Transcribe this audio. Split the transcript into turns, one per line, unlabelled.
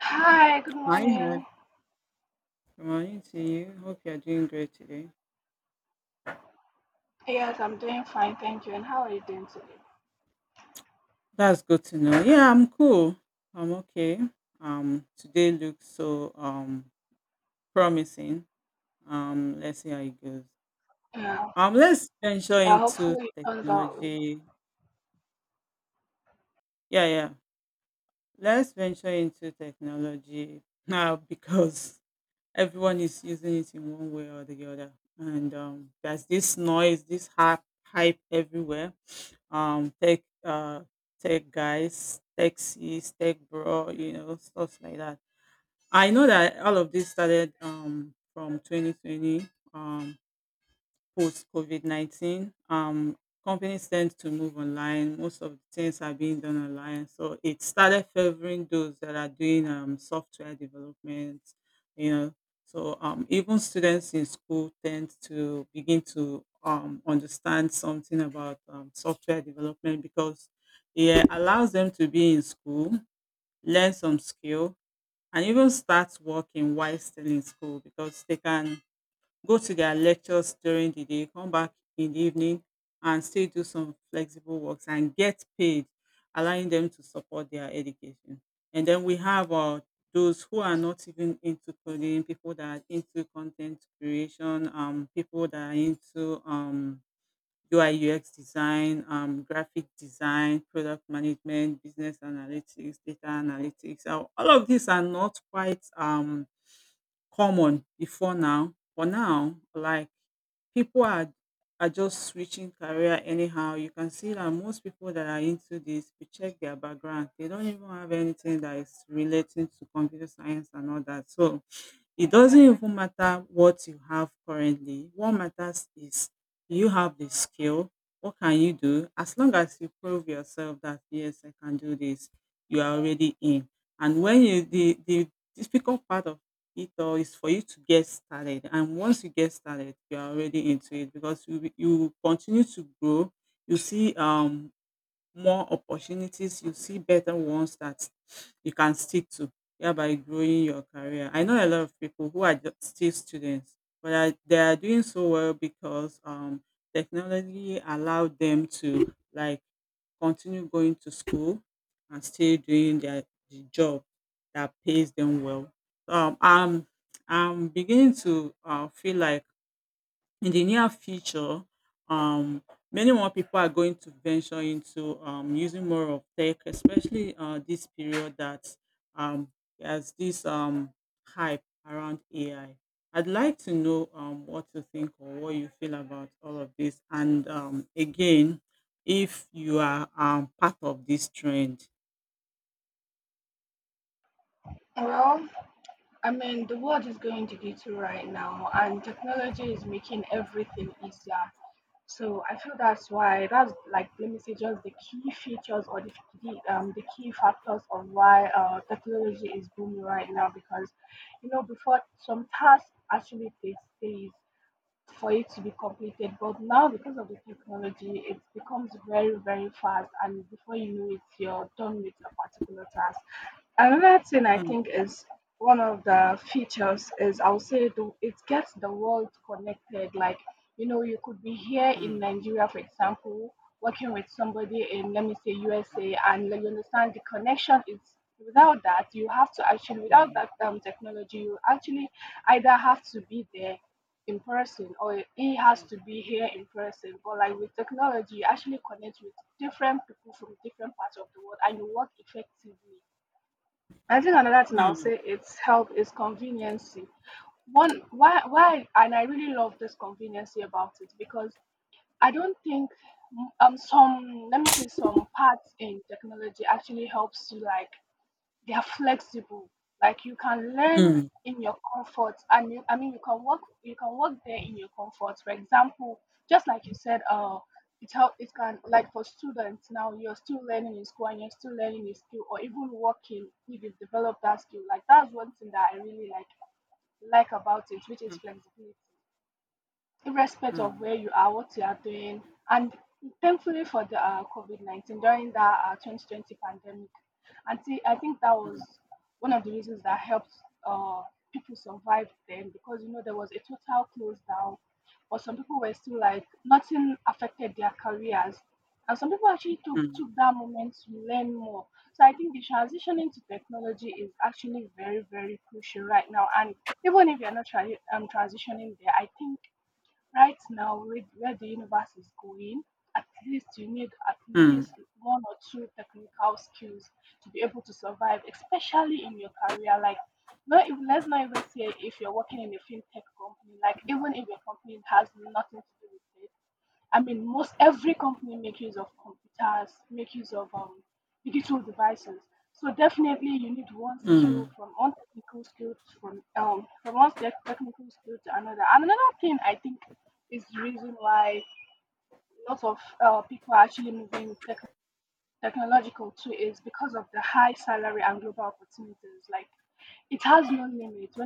Hi, good
Hi,
morning.
good morning to you. Hope you're doing great today.
Yes, I'm doing fine, thank you. And how are you doing today?
That's good to know. Yeah, I'm cool. I'm okay. Today looks so promising. Let's see how it goes.
Yeah,
Let's venture
yeah,
into
Hopefully it turns out well.
technology. Yeah, yeah. Let's venture into technology now because everyone is using it in one way or the other, and there's this noise, this hype everywhere, um tech uh tech guys, taxis, tech bro, stuff like that. I know that all of this started from 2020, um post COVID-19. Companies tend to move online. Most of the things are being done online. So it started favoring those that are doing software development, you know. So even students in school tend to begin to understand something about software development, because it allows them to be in school, learn some skill, and even start working while still in school, because they can go to their lectures during the day, come back in the evening, and still do some flexible works and get paid, allowing them to support their education. And then we have those who are not even into coding, people that are into content creation, people that are into UI UX design, graphic design, product management, business analytics, data analytics. All of these are not quite common before now. For now, like people are just switching career anyhow. You can see that most people that are into this, if you check their background, they don't even have anything that is relating to computer science and all that. So it doesn't even matter what you have currently. What matters is, do you have the skill? What can you do? As long as you prove yourself that yes, I can do this, you are already in. And when you the difficult part of it all is for you to get started. And once you get started, you are already into it, because you will continue to grow. You see more opportunities, you see better ones that you can stick to, thereby growing your career. I know a lot of people who are just still students, but they are doing so well because technology allowed them to like continue going to school and still doing the job that pays them well. Um, I'm I'm beginning to feel like in the near future, um, many more people are going to venture into using more of tech, especially this period that um, has this hype around AI. I'd like to know what you think or what you feel about all of this. And again, if you are part of this trend.
Well, I mean, the world is going digital right now, and technology is making everything easier. So I feel that's why, that's like, let me say just the key features, or the key factors of why technology is booming right now. Because you know, before, some tasks actually takes days for it to be completed. But now, because of the technology, it becomes very, very fast, and before you know it, you're done with a particular task. Another thing I think
Mm,
is one of the features is, I would say, the, it gets the world connected. Like, you know, you could be here in
mm,
Nigeria, for example, working with somebody in, let me say, USA, and like, you understand the connection is, without that, you have to actually, without
mm,
that technology, you actually either have to be there in person, or he has to be here in person. But like, with technology, you actually connect with different people from different parts of the world and you work effectively. I think another thing I'll
mm,
say it's help is conveniency. One, why and I really love this conveniency about it, because I don't think some, let me say, some parts in technology actually helps you, like they are flexible. Like you can learn
mm,
in your comfort, and you, I mean, you can work. You can work there in your comfort. For example, just like you said, it help. It can, like for students now, you're still learning in school, and you're still learning a skill, or even working if you develop that skill. Like that's one thing that I really like about it, which is flexibility, irrespective of
mm,
where you are, what you are doing. And thankfully for the COVID 19, during that 2020 pandemic, and see, I think that was
mm,
one of the reasons that helped uh, people survive then, because you know there was a total close down, but some people were still like, nothing affected their careers. And some people actually took,
mm,
took that moment to learn more. So I think the transition into technology is actually very, very crucial right now. And even if you're not transitioning there, I think right now, with where the universe is going, at least you need at
mm,
least one or two technical skills to be able to survive, especially in your career. Like, not even, let's not even say if you're working in a fintech company. Like, even if your company has nothing to do with it, I mean, most every company make use of computers, make use of digital devices. So definitely, you need one skill
mm.
from one technical skill to- from one technical skill to another. And another thing I think is the reason why lots of people are actually moving tech technological too is because of the high salary and global opportunities. Like, it has no limit when